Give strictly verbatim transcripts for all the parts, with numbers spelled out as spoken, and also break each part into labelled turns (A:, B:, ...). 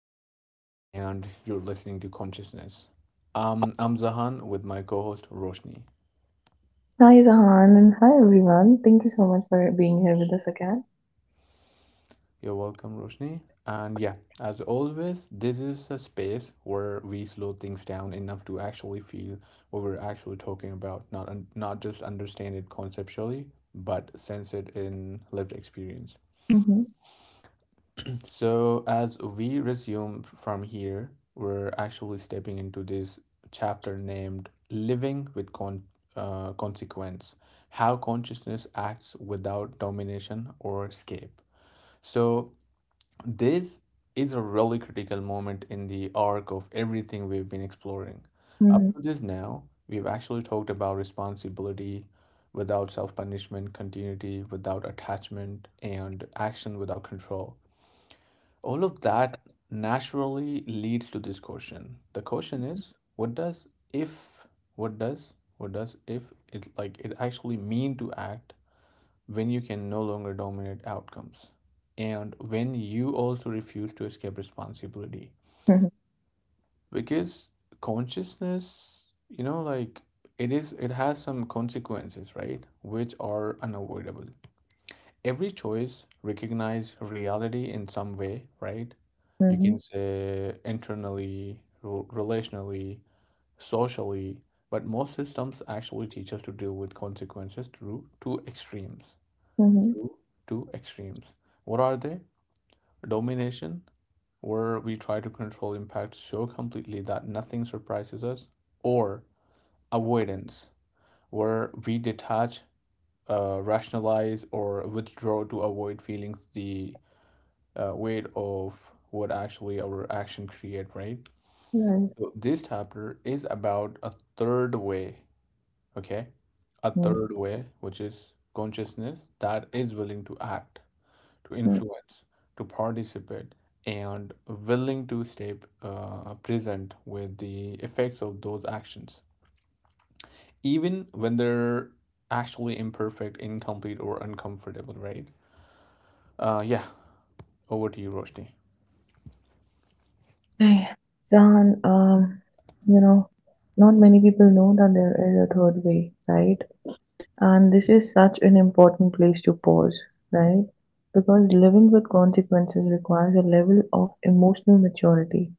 A: podcast, and you're listening to Consciousness. Um, I'm Zahan with my co host Roshni.
B: Hi, Zahan, and hi everyone. Thank you so much for being here with us again.
A: You're welcome, Roshni. And yeah, as always, this is a space where we slow things down enough to actually feel what we're actually talking about, not, not just understand it conceptually, but sense it in lived experience.
B: Uhum,
A: So, as we resume from here, we're actually stepping into this chapter named Living with Con- uh, Consequence How Consciousness Acts Without Domination or Escape. So, this is a really critical moment in the arc of everything we've been exploring. Up
B: uhum,
A: to this now, we've actually talked about responsibility without self punishment, continuity without attachment, and action without control. All of that naturally leads to this question. The question is, what does if, what does, what does if it like it actually mean to act when you can no longer dominate outcomes and when you also refuse to escape responsibility?
B: hı hı,
A: Because consciousness, you know, like it is, it has some consequences, right? Which are unavoidable. Every choice recognize reality in some way, right?
B: hı
A: You can
B: hı,
A: say internally, rel- relationally, socially. But most systems actually teach us to deal with consequences through two extremes.
B: hı hı.
A: Through two extremes, what are they? Domination, where we try to control impact so completely that nothing surprises us, or avoidance, where we detach, uh, rationalize, or withdraw to avoid feelings the uh, weight of what actually our action create, right?
B: Right.
A: So this chapter is about a third way, okay? A
B: Mm,
A: third way, which is consciousness that is willing to act, to
B: mm.
A: influence, to participate, and willing to stay uh, present with the effects of those actions, even when they're actually imperfect, incomplete, or uncomfortable, right? Uh, yeah, over to you, Roshni.
B: Hey, Zahan, um, you know, not many people know that there is a third way, right? And this is such an important place to pause, right? Because living with consequences requires a level of emotional maturity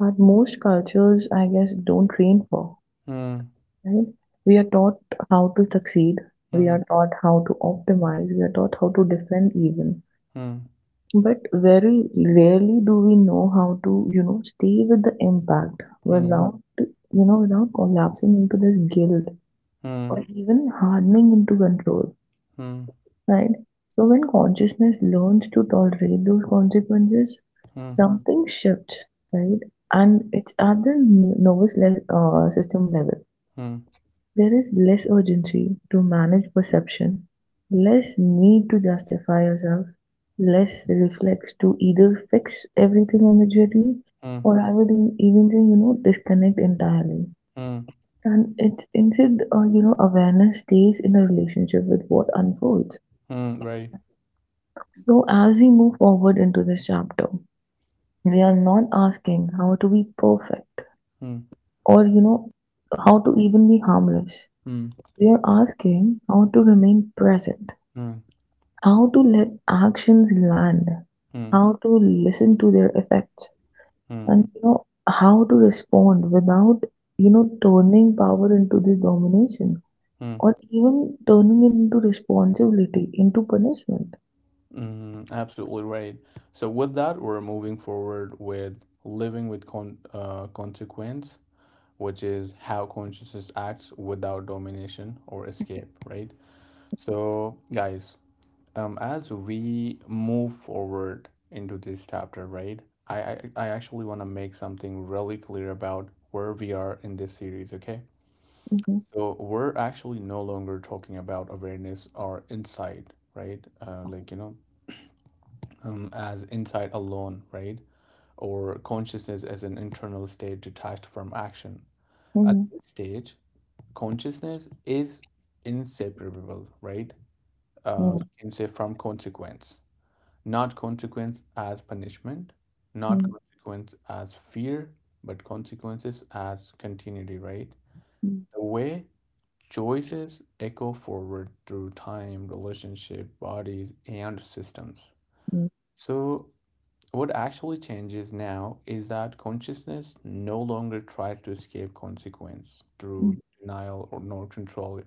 B: that most cultures, I guess, don't train for,
A: Hmm.
B: right? We are taught how to succeed, we
A: Hmm.
B: are taught how to optimize, we are taught how to defend even.
A: Hmm.
B: But very rarely do we know how to, you know, stay with the impact
A: Hmm.
B: without, you know, without collapsing into this guilt
A: Mm,
B: or even hardening into control.
A: mm,
B: Right. So when consciousness learns to tolerate those consequences,
A: mm,
B: something shifts, right? And it's at the n- nervous le- uh, system level.
A: mm,
B: There is less urgency to manage perception, less need to justify yourself, less reflex to either fix everything immediately,
A: mm,
B: or I would e- even say, you know, disconnect entirely.
A: mm,
B: And it's instead, uh, you know, awareness stays in a relationship with what unfolds.
A: mm, right.
B: So, as we move forward into this chapter, we are not asking how to be perfect
A: Mm,
B: or, you know, how to even be harmless.
A: mm,
B: We are asking how to remain present,
A: mm,
B: how to let actions land,
A: mm, mm, mm, mm,
B: how to listen to their effects,
A: mm, mm,
B: and, you know, how to respond without, you know, turning power into this domination
A: mm, mm, mm, mm, mm,
B: or
A: mm,
B: even turning it into responsibility, into punishment.
A: mm, mm, absolutely right. So with that, we're moving forward with living with con uh, consequence, which is how consciousness acts without domination or escape, right? So guys, um, as we move forward into this chapter, right? I I, I actually want to make something really clear about where we are in this series, okay?
B: Mm-hmm.
A: So we're actually no longer talking about awareness or insight, right? Uh, like, you know, um, as insight alone, right? Or consciousness as an internal state detached from action. At
B: Mm-hmm.
A: this stage, consciousness is inseparable, right? Uh, you can say from consequence, not consequence as punishment, not consequence as fear, but consequences as continuity, right? The way choices echo forward through time, relationship, bodies, and systems.
B: Mm-hmm.
A: So, what actually changes now is that consciousness no longer tries to escape consequence through denial or nor control.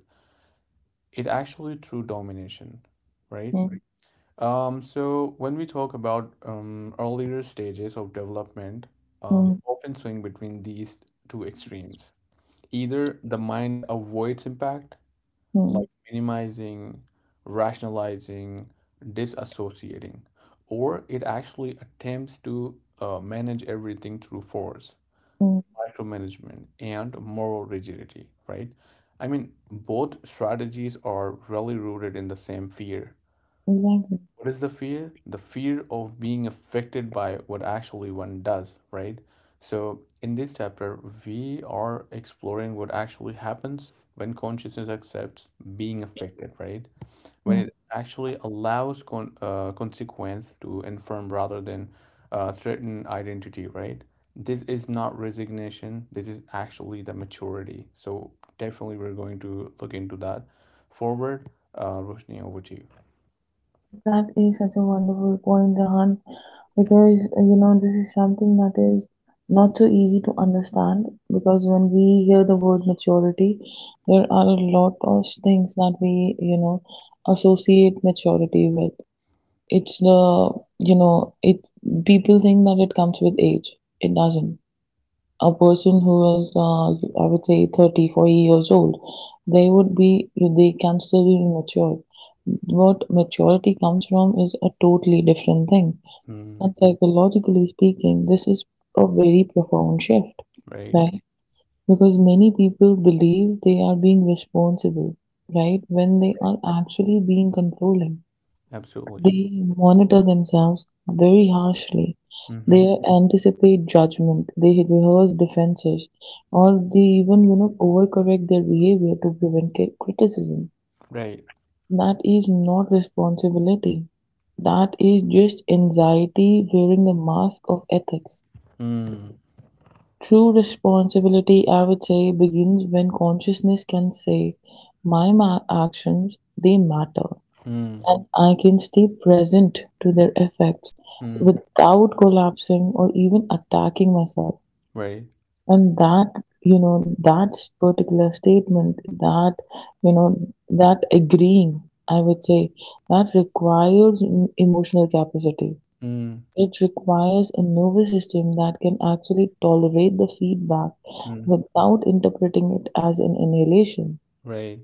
A: It actually through domination, right?
B: Hmm.
A: Um, so when we talk about um, earlier stages of development, um,
B: Mm,
A: often swing between these two extremes. Either the mind avoids impact
B: mm,
A: like minimizing, rationalizing, disassociating, or it actually attempts to uh, manage everything through force,
B: mm,
A: micromanagement, and moral rigidity, right? I mean, both strategies are really rooted in the same fear.
B: exactly.
A: What is the fear? The fear of being affected by what actually one does, right? So, in this chapter, we are exploring what actually happens when consciousness accepts being affected, right? When
B: Mm.
A: it actually allows con- uh, consequence to inform rather than uh, threaten identity, right? This is not resignation. This is actually the maturity. So definitely we're going to look into that. Forward, uh, Roshni, over to you.
B: That is such a wonderful point, Jahan, because uh, you know this is something that is not so easy to understand. Because when we hear the word maturity, there are a lot of things that we you know associate maturity with. It's the, you know it people think that it comes with age. It doesn't. A person who is, uh, I would say, thirty, forty years old, they would be, they can still be mature. What maturity comes from is a totally different thing.
A: Mm,
B: And psychologically speaking, this is a very profound shift,
A: right.
B: right? Because many people believe they are being responsible, right? When they are actually being controlling,
A: Absolutely.
B: they monitor themselves very harshly.
A: Mm-hmm.
B: They anticipate judgment. They rehearse defenses, or they even you know overcorrect their behavior to prevent cri- criticism.
A: Right.
B: That is not responsibility. That is just anxiety wearing the mask of ethics.
A: Mm,
B: True responsibility, I would say, begins when consciousness can say, my ma- actions, they matter,
A: mm,
B: and I can stay present to their effects
A: mm,
B: without collapsing or even attacking myself.
A: right.
B: And that, you know, that particular statement, that, you know, that agreeing, I would say, that requires em- emotional capacity.
A: Mm,
B: It requires a nervous system that can actually tolerate the feedback
A: mm,
B: without interpreting it as an annihilation.
A: right.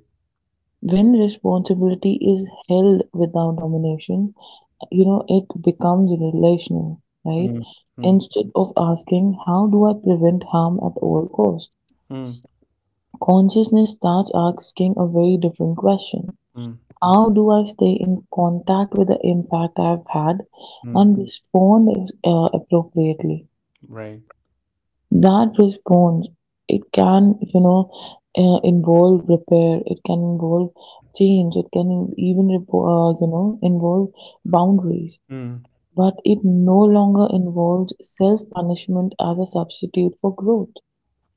B: When responsibility is held without domination, you know, it becomes relational, right?
A: Mm, mm,
B: Instead of asking, how do I prevent harm at all costs?
A: mm,
B: Consciousness starts asking a very different question.
A: mm,
B: How do I stay in contact with the impact I've had
A: mm,
B: and respond uh, appropriately?
A: right.
B: That response, it can, you know, uh, involve repair, it can involve change, it can even, repo- uh, you know, involve boundaries,
A: Mm,
B: but it no longer involves self punishment as a substitute for growth.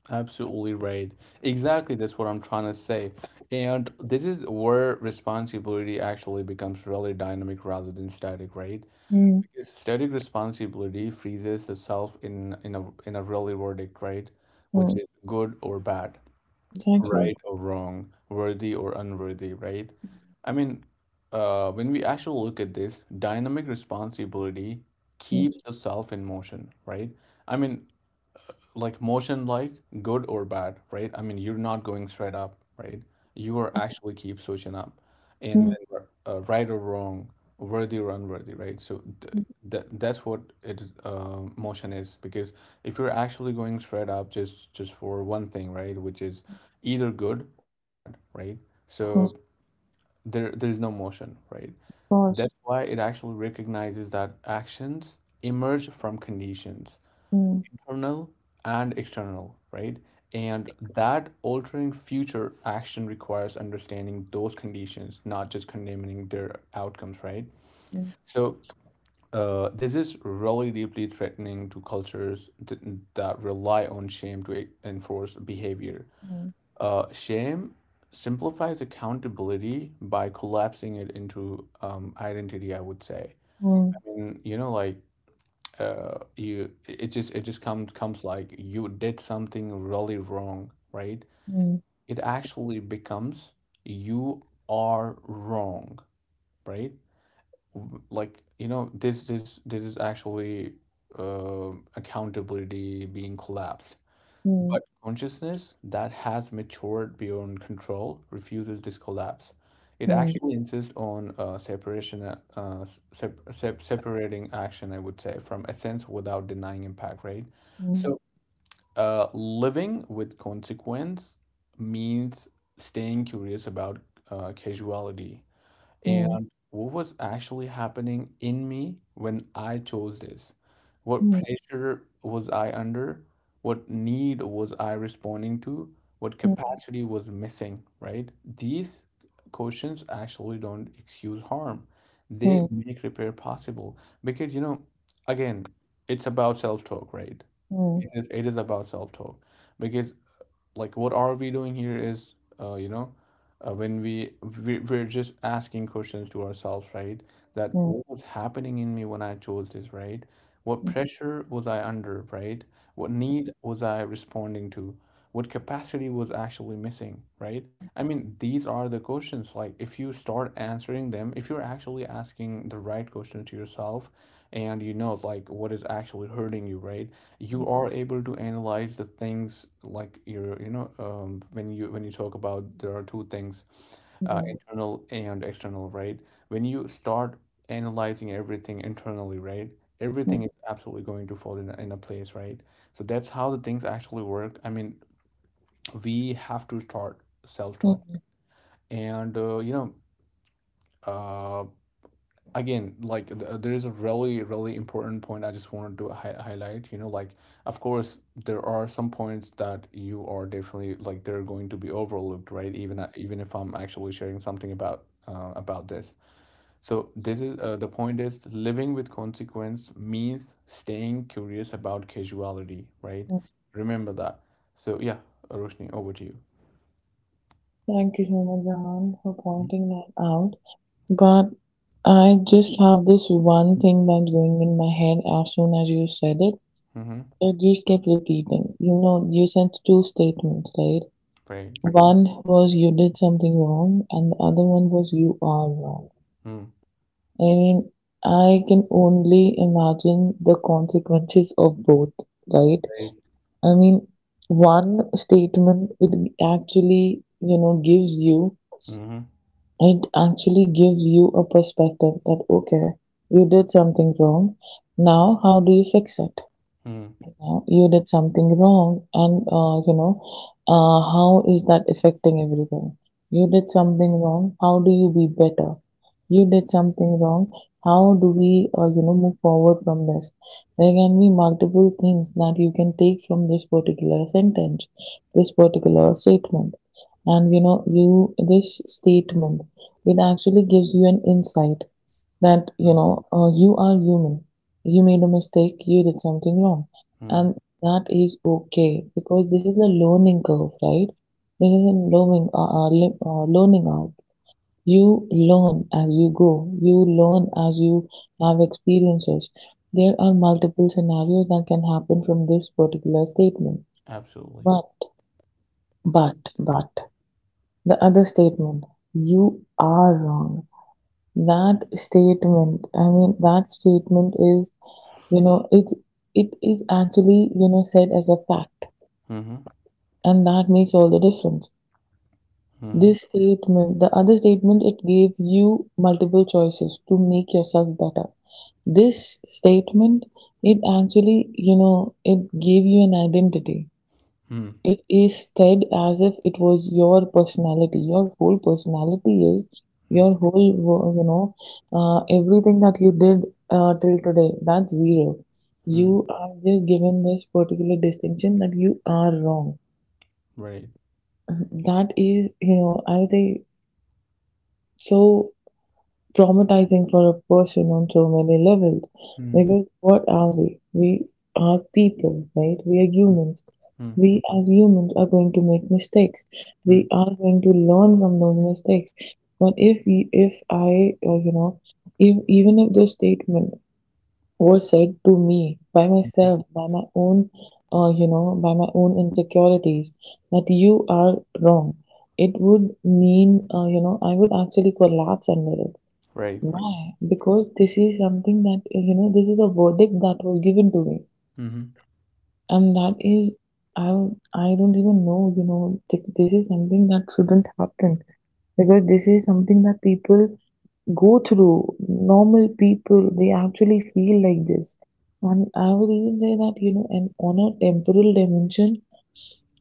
A: absolutely right. Exactly, that's what I'm trying to say. And this is where responsibility actually becomes really dynamic rather than static, right?
B: Mm,
A: Because static responsibility freezes itself in in a in a really verdict, right? Which
B: mm,
A: is good or bad,
B: exactly.
A: right or wrong, worthy or unworthy, right? I mean, uh, when we actually look at this, dynamic responsibility
B: Mm,
A: keeps the self in motion, right? I mean, like motion like good or bad, right? I mean, you're not going straight up, right? You are actually keep switching up, and
B: mm,
A: then uh, right or wrong, worthy or unworthy, right? so th-
B: mm,
A: that that's what it is, uh, motion is because if you're actually going straight up just just for one thing, right, which is either good or bad, right?
B: of
A: So there there's no motion, right?
B: course.
A: That's why it actually recognizes that actions emerge from conditions,
B: Mm,
A: internal and external, right? And that altering future action requires understanding those conditions, not just condemning their outcomes, right?
B: mm,
A: So uh, this is really deeply threatening to cultures th- that rely on shame to e- enforce behavior.
B: mm,
A: Uh, shame simplifies accountability by collapsing it into um, identity, I would say. I
B: mm,
A: mean, you know, like uh, you it just it just comes comes like you did something really wrong, right?
B: mm,
A: It actually becomes you are wrong, right? Like, you know, this this this is actually uh, accountability being collapsed.
B: mm,
A: But consciousness that has matured beyond control refuses this collapse. It
B: mm,
A: actually insists on uh, separation, uh, uh, sep- sep- separating action, I would say, from essence without denying impact, right?
B: mm,
A: So, uh, living with consequence means staying curious about uh, causality
B: mm,
A: and what was actually happening in me when I chose this. What
B: mm,
A: pressure was I under? What need was I responding to? What capacity was missing, right? These questions actually don't excuse harm. They
B: mm,
A: make repair possible because, you know, again, it's about self-talk, right?
B: mm, mm,
A: It is, it is about self-talk because like what are we doing here is uh, you know uh, when we, we we're just asking questions to ourselves, right? That
B: mm,
A: what was happening in me when I chose this, right? What pressure was I under, right? What need was I responding to? What capacity was actually missing, right? I mean, these are the questions. Like if you start answering them, if you're actually asking the right questions to yourself, and you know like what is actually hurting you, right,
B: mm,
A: you are able to analyze the things like your you know um, when you when you talk about there are two things, uh,
B: mm,
A: internal and external, right? When you start analyzing everything internally, right, everything
B: mm.
A: is absolutely going to fall in a, in a place, right? So that's how the things actually work. I mean, we have to start self-talk
B: Mhm.
A: and uh, you know uh, again like th- uh, there is a really really important point I just wanted to hi- highlight, you know, like of course there are some points that you are definitely like they're going to be overlooked, right, even a- even if I'm actually sharing something about uh, about this. So this is uh, the point is living with consequence means staying curious about casuality, right? Remember that. So yeah, Roshni, over to you.
B: Thank you so much, Jahan, for pointing that out. But I just have this one thing that's going in my head as soon as you said it.
A: Mm-hmm.
B: It just kept repeating. You know, you sent two statements, right?
A: Right.
B: One was, you did something wrong, and the other one was, you are wrong.
A: Mm.
B: I mean, I can only imagine the consequences of both, right?
A: Right.
B: I mean, one statement, it actually, you know, gives you
A: Mm-hmm.
B: it actually gives you a perspective that, okay, you did something wrong, now how do you fix it? Now you did something wrong, and uh, you know uh, how is that affecting everything? You did something wrong, how do you be better? You did something wrong, how do we, uh, you know move forward from this? There can be multiple things that you can take from this particular sentence this particular statement. And you know you this statement, it actually gives you an insight that you know uh, you are human, you made a mistake, you did something wrong,
A: Mm-hmm.
B: and that is okay, because this is a learning curve, right? This is a learning uh, uh, le- uh, learning out. You learn as you go, you learn as you have experiences. There are multiple scenarios that can happen from this particular statement.
A: Absolutely.
B: But but but the other statement, you are wrong, that statement, I mean that statement is, You know, it it is actually, you know, said as a fact,
A: Mm-hmm.
B: and that makes all the difference. This statement, the other statement, it gave you multiple choices to make yourself better. This statement, it actually, you know, it gave you an identity.
A: Mm,
B: It is said as if it was your personality. Your whole personality is
A: mm,
B: your whole, wo- you know, uh, everything that you did uh, till today. That's zero.
A: mm,
B: You are just given this particular distinction that you are wrong.
A: right.
B: That is, you know, I think so. Traumatizing for a person on so many levels.
A: Mm,
B: Because what are we? We are people, right? We are
A: mm,
B: humans.
A: mm,
B: We as humans are going to make mistakes.
A: mm,
B: We are going to learn from those mistakes. But if we, if I, uh, you know, if, even if this statement was said to me by
A: mhm.
B: myself, by my own, uh, you know, by my own insecurities, that you are wrong, it would mean, uh, you know, I would actually collapse under it.
A: Right.
B: Why? Because this is something that, uh, you know, this is a verdict that was given to me,
A: Mhm,
B: and that is, I I don't even know, you know, th- this is something that shouldn't happen, because this is something that people go through. Normal people, they actually feel like this. And I would even say that, you know, and on a temporal dimension,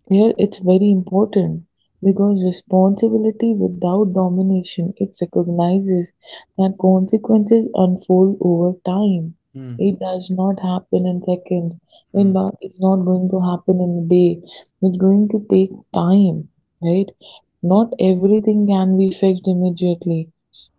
B: here it's very important, because responsibility without domination, it recognizes that consequences unfold over time.
A: mm,
B: It does not happen in seconds. It
A: mm.
B: not, it's not going to happen in a day. It's going to take time, right? Not everything can be fixed immediately.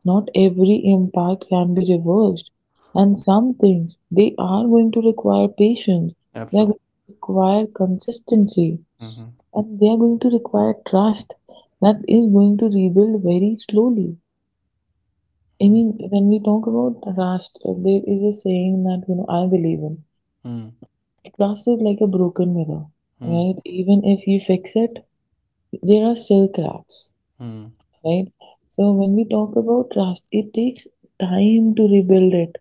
B: Not every impact can be reversed, and some things they are going to require patience, they are going
A: Absolutely.
B: to require consistency,
A: Mhm,
B: and they are going to require trust that is going to rebuild very slowly. I
A: mm,
B: mean, when we talk about trust, uh, there is a saying that you know I believe in.
A: mm,
B: Trust is like a broken mirror,
A: mm,
B: right? Even if you fix it, there are still cracks,
A: mm,
B: right? So when we talk about trust, it takes time to rebuild it.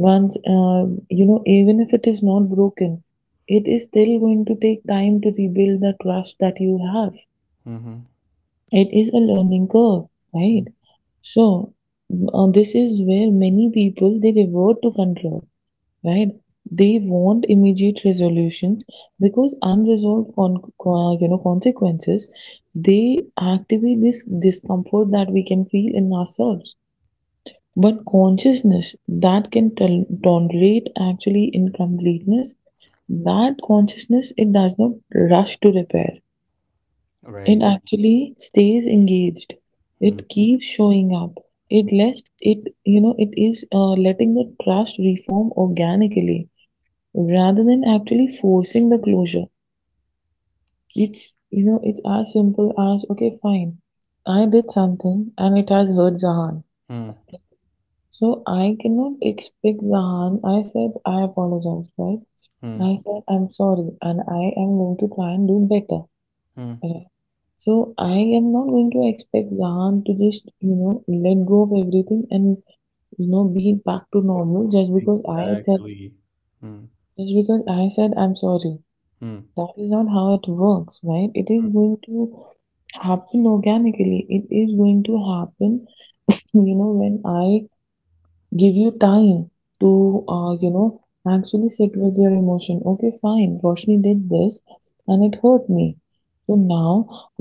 B: Once, um, you know, even if it is not broken, it is still going to take time to rebuild the trust that you have.
A: mhm,
B: It is a learning curve, right?
A: mm.
B: So, uh, this is where many people they revert to control, right? They want immediate resolutions, because unresolved con- co- uh, you know consequences, they activate this discomfort that we can feel in ourselves. But consciousness that can tol- tolerate actually incompleteness, that consciousness, it does not rush to repair. It
A: Right.
B: actually stays engaged.
A: Mm,
B: It keeps showing up. It lets it you know it is uh, letting the trust reform organically rather than actually forcing the closure. It's you know it's as simple as, okay, fine, I did something and it has hurt Zahan.
A: mm,
B: So I cannot expect Zahan, I said I apologize, right?
A: mm,
B: I said I'm sorry and I am going to try and do better.
A: mm.
B: Right? So I am not going to expect Zahan to just, you know, let go of everything and, you know, be back to normal just because I said
A: Exactly. Mm,
B: just because I said I'm sorry.
A: mm,
B: That is not how it works, right? It
A: mm.
B: is going to happen organically. It is going to happen, you know, when I give you time to, uh, you know actually sit with your emotion. Okay, fine, Roshni did this and it hurt me, so now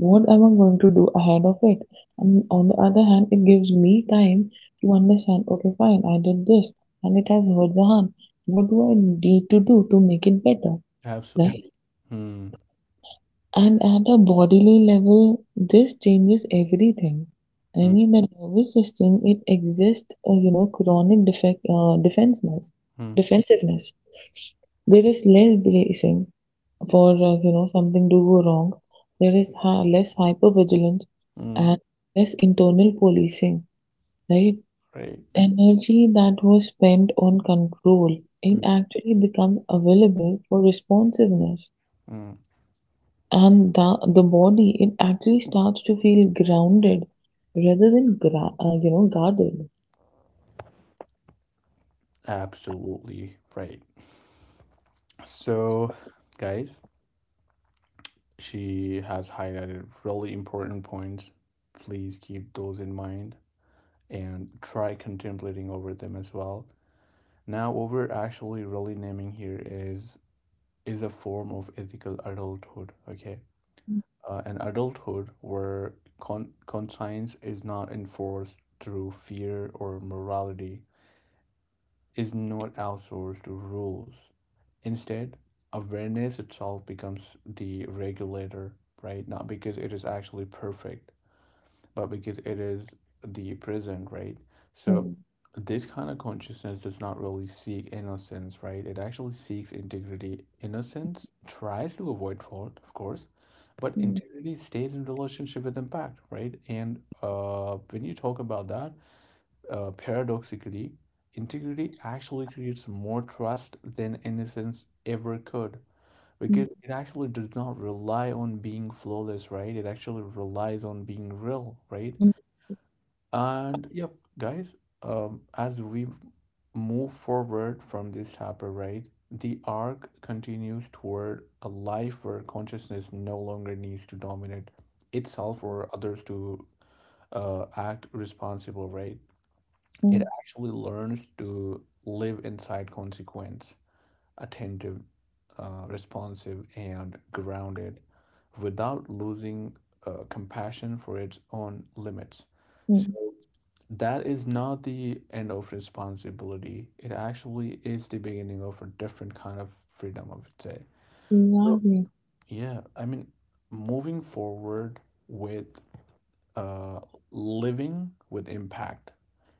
B: what am I going to do ahead of it? And on the other hand, it gives me time to understand, okay, fine, I did this and it has hurt the hand, what do I need to do to make it better? Right.
A: Absolutely. Mm,
B: And at a bodily level, this changes everything. I
A: mm,
B: mean, the nervous system, it exists, uh, you know, chronic defect, uh, defenseness,
A: mm,
B: defensiveness. There is less bracing for, uh, you know, something to go wrong. There is ha- less hypervigilance
A: mm.
B: and less internal policing, right?
A: Right.
B: Energy that was spent on control, it
A: Mm,
B: actually becomes available for responsiveness,
A: mm.
B: and the, the body, it actually starts to feel grounded rather than gra- uh, you know guarded.
A: Absolutely right. So, guys, she has highlighted really important points. Please keep those in mind and try contemplating over them as well. Now, what we're actually really naming here is is a form of ethical adulthood. Okay, uh, an adulthood where con- conscience is not enforced through fear or morality, is not outsourced to rules. Instead, awareness itself becomes the regulator, right? Not because it is actually perfect, but because it is the prison, right? So
B: Mm,
A: this kind of consciousness does not really seek innocence, right? It actually seeks integrity. Innocence tries to avoid fault, of course, but
B: mm,
A: integrity stays in relationship with impact, right? And uh, when you talk about that, uh, paradoxically, integrity actually creates more trust than innocence ever could
B: mm,
A: because it actually does not rely on being flawless, right? It actually relies on being real, right?
B: mm,
A: And yep, guys, um, as we move forward from this chapter, right, the arc continues toward a life where consciousness no longer needs to dominate itself or others to uh, act responsible, right? It actually learns to live inside consequence, attentive, uh, responsive, and grounded without losing uh, compassion for its own limits.
B: mm,
A: So,
B: mm.
A: that is not the end of responsibility. It actually is the beginning of a different kind of freedom, I would say. So, yeah, I mean, moving forward with uh, living with impact,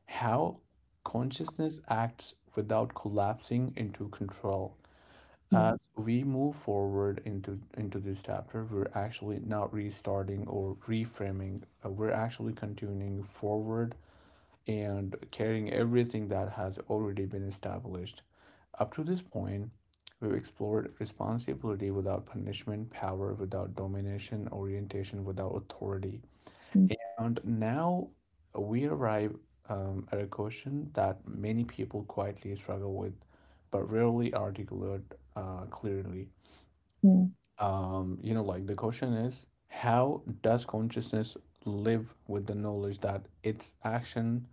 A: how consciousness acts without collapsing into control. As we move forward into into this chapter, we're actually not restarting or reframing. Uh, we're actually continuing forward and carrying everything that has already been established. Up to this point, we've explored responsibility without punishment, power without domination, orientation without authority. And now we arrive um, at a question that many people quietly struggle with, but rarely articulate uh, clearly. Um, you know, like the question is how does consciousness live with the knowledge that its action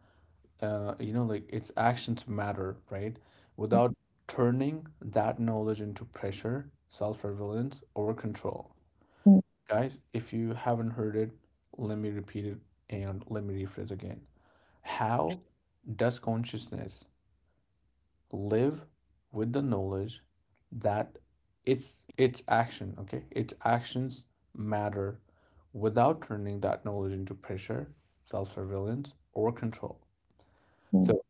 A: uh, you know, like its actions matter, right? Without turning that knowledge into pressure, self relevance, or control. Guys, if you haven't heard it, let me repeat it and let me rephrase again. How does consciousness live with the knowledge that its its action, okay, its actions matter without turning that knowledge into pressure, self surveillance, or control? So.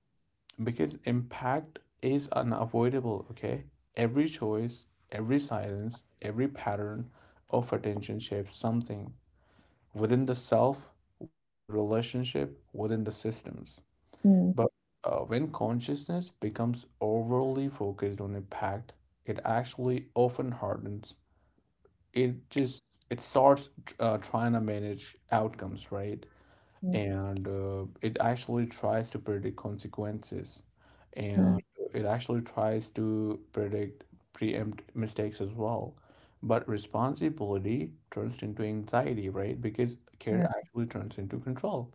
A: Because impact is unavoidable, okay. Every choice, every silence, every pattern of attention shapes something within the self, within the relationship, within the systems.
B: Exactly.
A: But uh, when consciousness becomes overly focused on impact, it actually often hardens. It just it starts uh, trying to manage outcomes, right? And uh, it actually tries to predict consequences, and it actually tries to predict preempt mistakes as well. But responsibility turns into anxiety, right? Because care actually turns into control,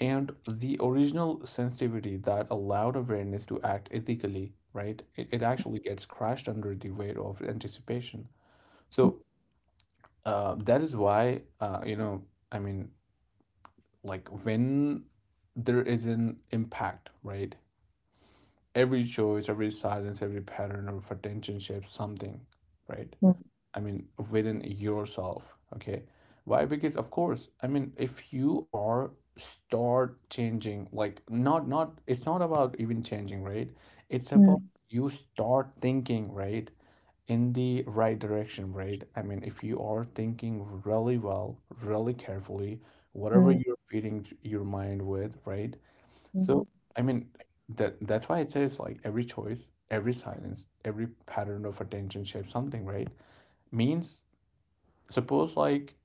A: and the original sensitivity that allowed awareness to act ethically, right, it, it actually gets crushed under the weight of anticipation. So uh, that is why uh, you know I mean like when there is an impact, right? Every choice, every silence, every pattern of attention shapes something, right?
B: Mm,
A: I mean, within yourself, okay? Why? Because of course, I mean, if you are start changing, like not not, it's not about even changing, right? It's about you start thinking, right? In the right direction, right? I mean, if you are thinking really well, really carefully, whatever you're feeding your mind with, right? So, I mean, that that's why it says like every choice, every silence, every pattern of attention shapes something, right? Means suppose like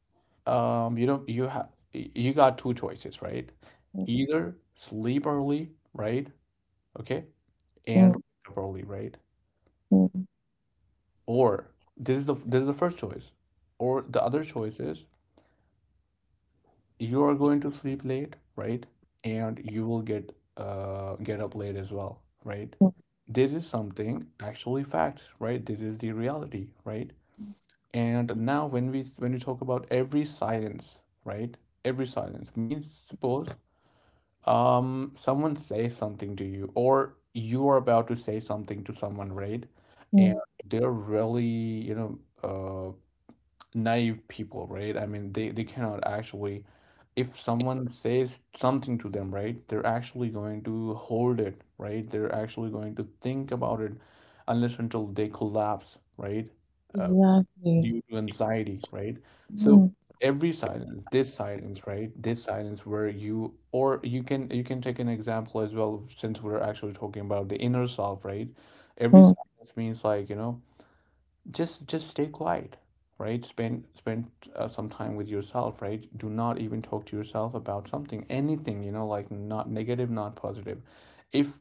A: um you know, you have you got two choices, right?
B: mm,
A: Either sleep early, right? Okay, and
B: mm,
A: wake up early, right?
B: mm, mm, mm, mm, mm, mm, mm, mm, mm, mm, mm, mm, mm, mm,
A: Or this is the this is the first choice. Or the other choice is you are going to sleep late, right, and you will get uh get up late as well, right? This is something actually facts, right? This is the reality, right? And now when we when we talk about every silence, right, every silence means suppose um someone says something to you, or you are about to say something to someone, right, and
B: mm.
A: they're really, you know, uh. naive people, right? I mean, they they cannot actually, if someone says something to them, right, they're actually going to hold it, right? They're actually going to think about it unless until they collapse, right? Uh,
B: Exactly.
A: Due to anxiety, right? So
B: Mm,
A: every silence, this silence, right? This silence where you, or you can you can take an example as well since we're actually talking about the inner self, right? Every
B: mm,
A: silence means like, you know, just just stay quiet, right? Spend spend uh, some time with yourself, right? Do not even talk to yourself about something, anything, you know, like not negative, not positive. If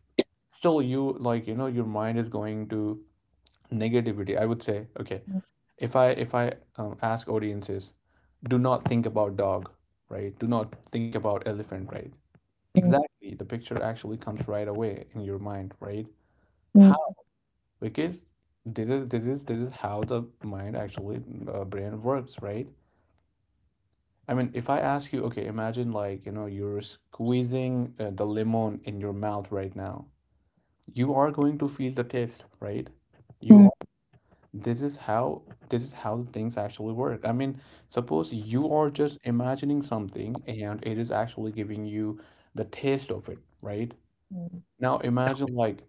A: still you, like, you know, your mind is going to negativity, I would say, okay.
B: mm,
A: If i if i um, ask audiences, do not think about dog, right? Do not think about elephant, right?
B: mm,
A: Exactly, the picture actually comes right away in your mind, right?
B: mm,
A: How? Because this is this is this is how the mind actually uh, brain works, right? I mean, if I ask you, okay, imagine like, you know, you're squeezing uh, the lemon in your mouth right now, you are going to feel the taste, right? You are
B: mm,
A: this is how this is how things actually work. I mean, suppose you are just imagining something and it is actually giving you the taste of it, right?
B: mm,
A: Now imagine like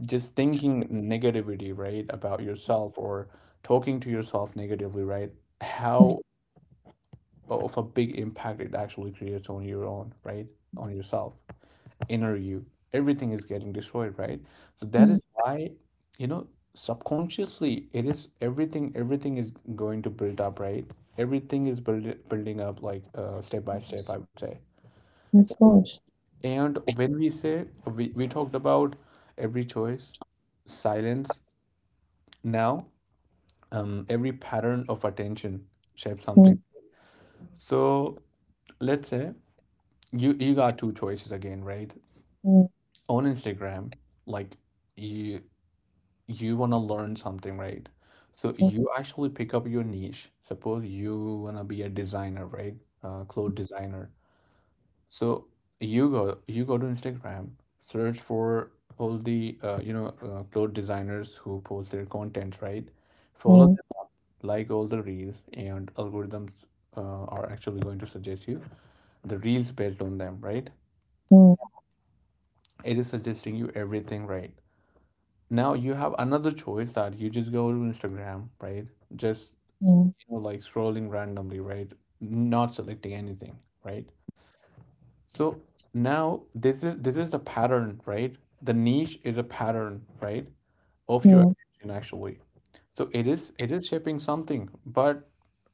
A: just thinking negativity, right, about yourself, or talking to yourself negatively, right, how
B: mm,
A: of a big impact it actually creates on your own, right, on yourself, inner you. Everything is getting destroyed, right? So that is
B: mm.
A: why, you know, subconsciously it is everything, everything is going to build up, right? Everything is build, building up like uh, step by step, I
B: Yes,
A: would say.
B: of
A: So,
B: course.
A: and when we say, we, we talked about every choice, silence. Now um, every pattern of attention shapes something.
B: Mm,
A: So let's say you you got two choices again, right?
B: mm,
A: On Instagram, like you you wanna learn something, right? So
B: mm,
A: you actually pick up your niche. Suppose you wanna be a designer, right? Uh, clothes designer. So you go you go to Instagram, search for all the uh, you know uh, clothes designers who post their content, right? Follow
B: mm,
A: like all the reels, and algorithms uh, are actually going to suggest you the reels based on them, right?
B: mm,
A: It is suggesting you everything, right? Now you have another choice that you just go to Instagram, right? Just
B: mm,
A: you know, like scrolling randomly, right, not selecting anything, right? So now this is this is the pattern, right? The niche is a pattern, right, of your
B: mm,
A: attention actually. So it is it is shaping something. But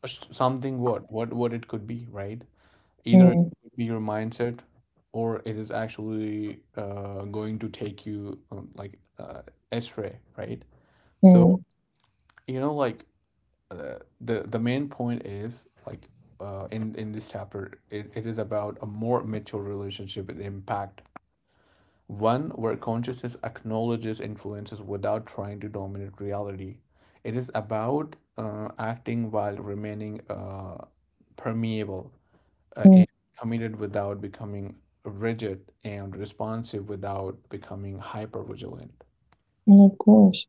A: uh, something, what what what it could be, right? Either it
B: mm.
A: could be your mindset, or it is actually uh, going to take you um, like uh, astray, right? So,
B: Mm,
A: you know, like uh, the the main point is like uh, in in this chapter, it, it is about a more mature relationship with impact. One where consciousness acknowledges influences without trying to dominate reality. It is about uh, acting while remaining uh, permeable uh,
B: mm,
A: and committed without becoming rigid, and responsive without becoming hyper vigilant.
B: mm, of course,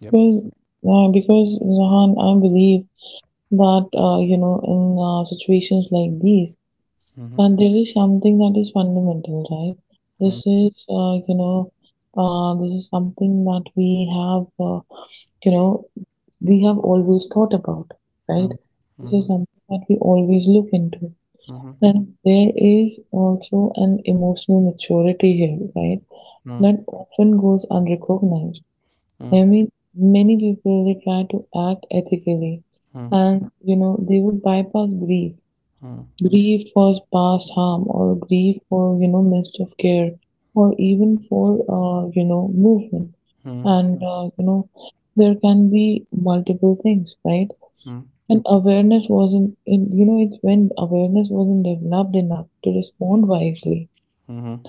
A: Yep.
B: because uh, because, Zahan, I believe that, uh, you know in uh, situations like these,
A: Mm-hmm.
B: that there is something that is fundamental, right? This is, uh, you know uh, this is something that we have, uh, you know we have always thought about, right?
A: Mm-hmm.
B: This is
A: Mm-hmm.
B: something that we always look into.
A: Mm-hmm.
B: And there is also an emotional maturity here, right? That often goes unrecognized.
A: Mm-hmm.
B: I mean, many people they try to act ethically, and you know they would bypass grief, grief for past harm, or grief for you know missed of care, or even for, uh, you know movement,
A: Mm-hmm.
B: and, uh, you know there can be multiple things, right? And awareness wasn't, in, you know, it's When awareness wasn't developed enough to respond wisely.
A: Mm-hmm.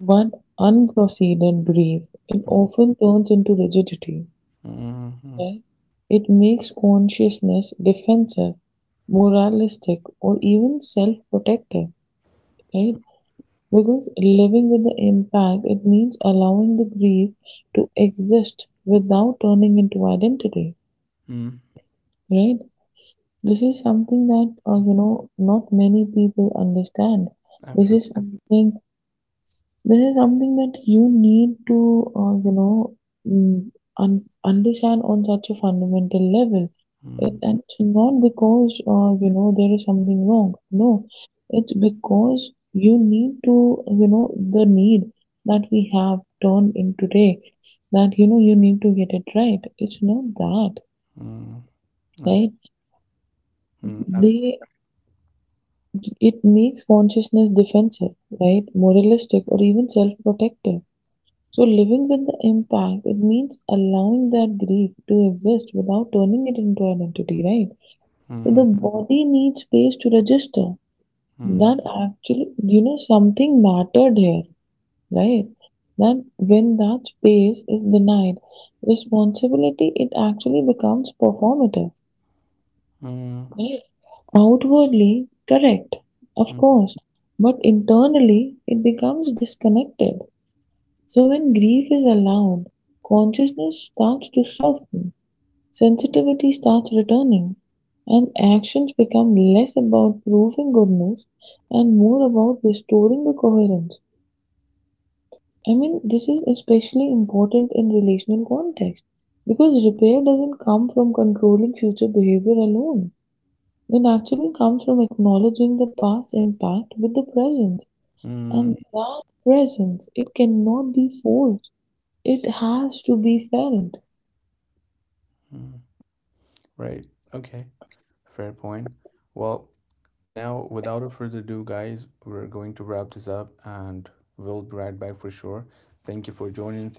B: But unproceded grief, it often turns into rigidity.
A: Mm-hmm.
B: Okay? It makes consciousness defensive, moralistic, or even self-protective, right? Because living with the impact, it means allowing the grief to exist without turning into identity,
A: Mm-hmm.
B: right? This is something that, uh, you know not many people understand. This
A: Absolutely.
B: is something This is something that you need to, uh, you know, mm, un- understand on such a fundamental level. It and it's not because, uh, you know there is something wrong. No, it's because you need to, you know, the need that we have turned in today. That you know you need to get it right. It's not that,
A: Mm-hmm. Absolutely.
B: right? They it makes consciousness defensive, right? Moralistic or even self-protective. So living with the impact, it means allowing that grief to exist without turning it into identity, right? So the
A: Mm-hmm.
B: body needs space to register that actually, you know, something mattered here, right? That when that space is denied, responsibility, it actually becomes performative,
A: Mm-hmm.
B: right? Outwardly correct, of course, but internally it becomes disconnected. So when grief is allowed, consciousness starts to soften, sensitivity starts returning, and actions become less about proving goodness and more about restoring the coherence. I mean, this is especially important in relational context, because repair doesn't come from controlling future behavior alone. It actually comes from acknowledging the past impact with the present. And
A: Mm-hmm.
B: that presence, it cannot be forced. It has to be felt.
A: Right. Okay. Fair point. Well, now without a further ado, guys, we're going to wrap this up and we'll be right back for sure. Thank you for joining.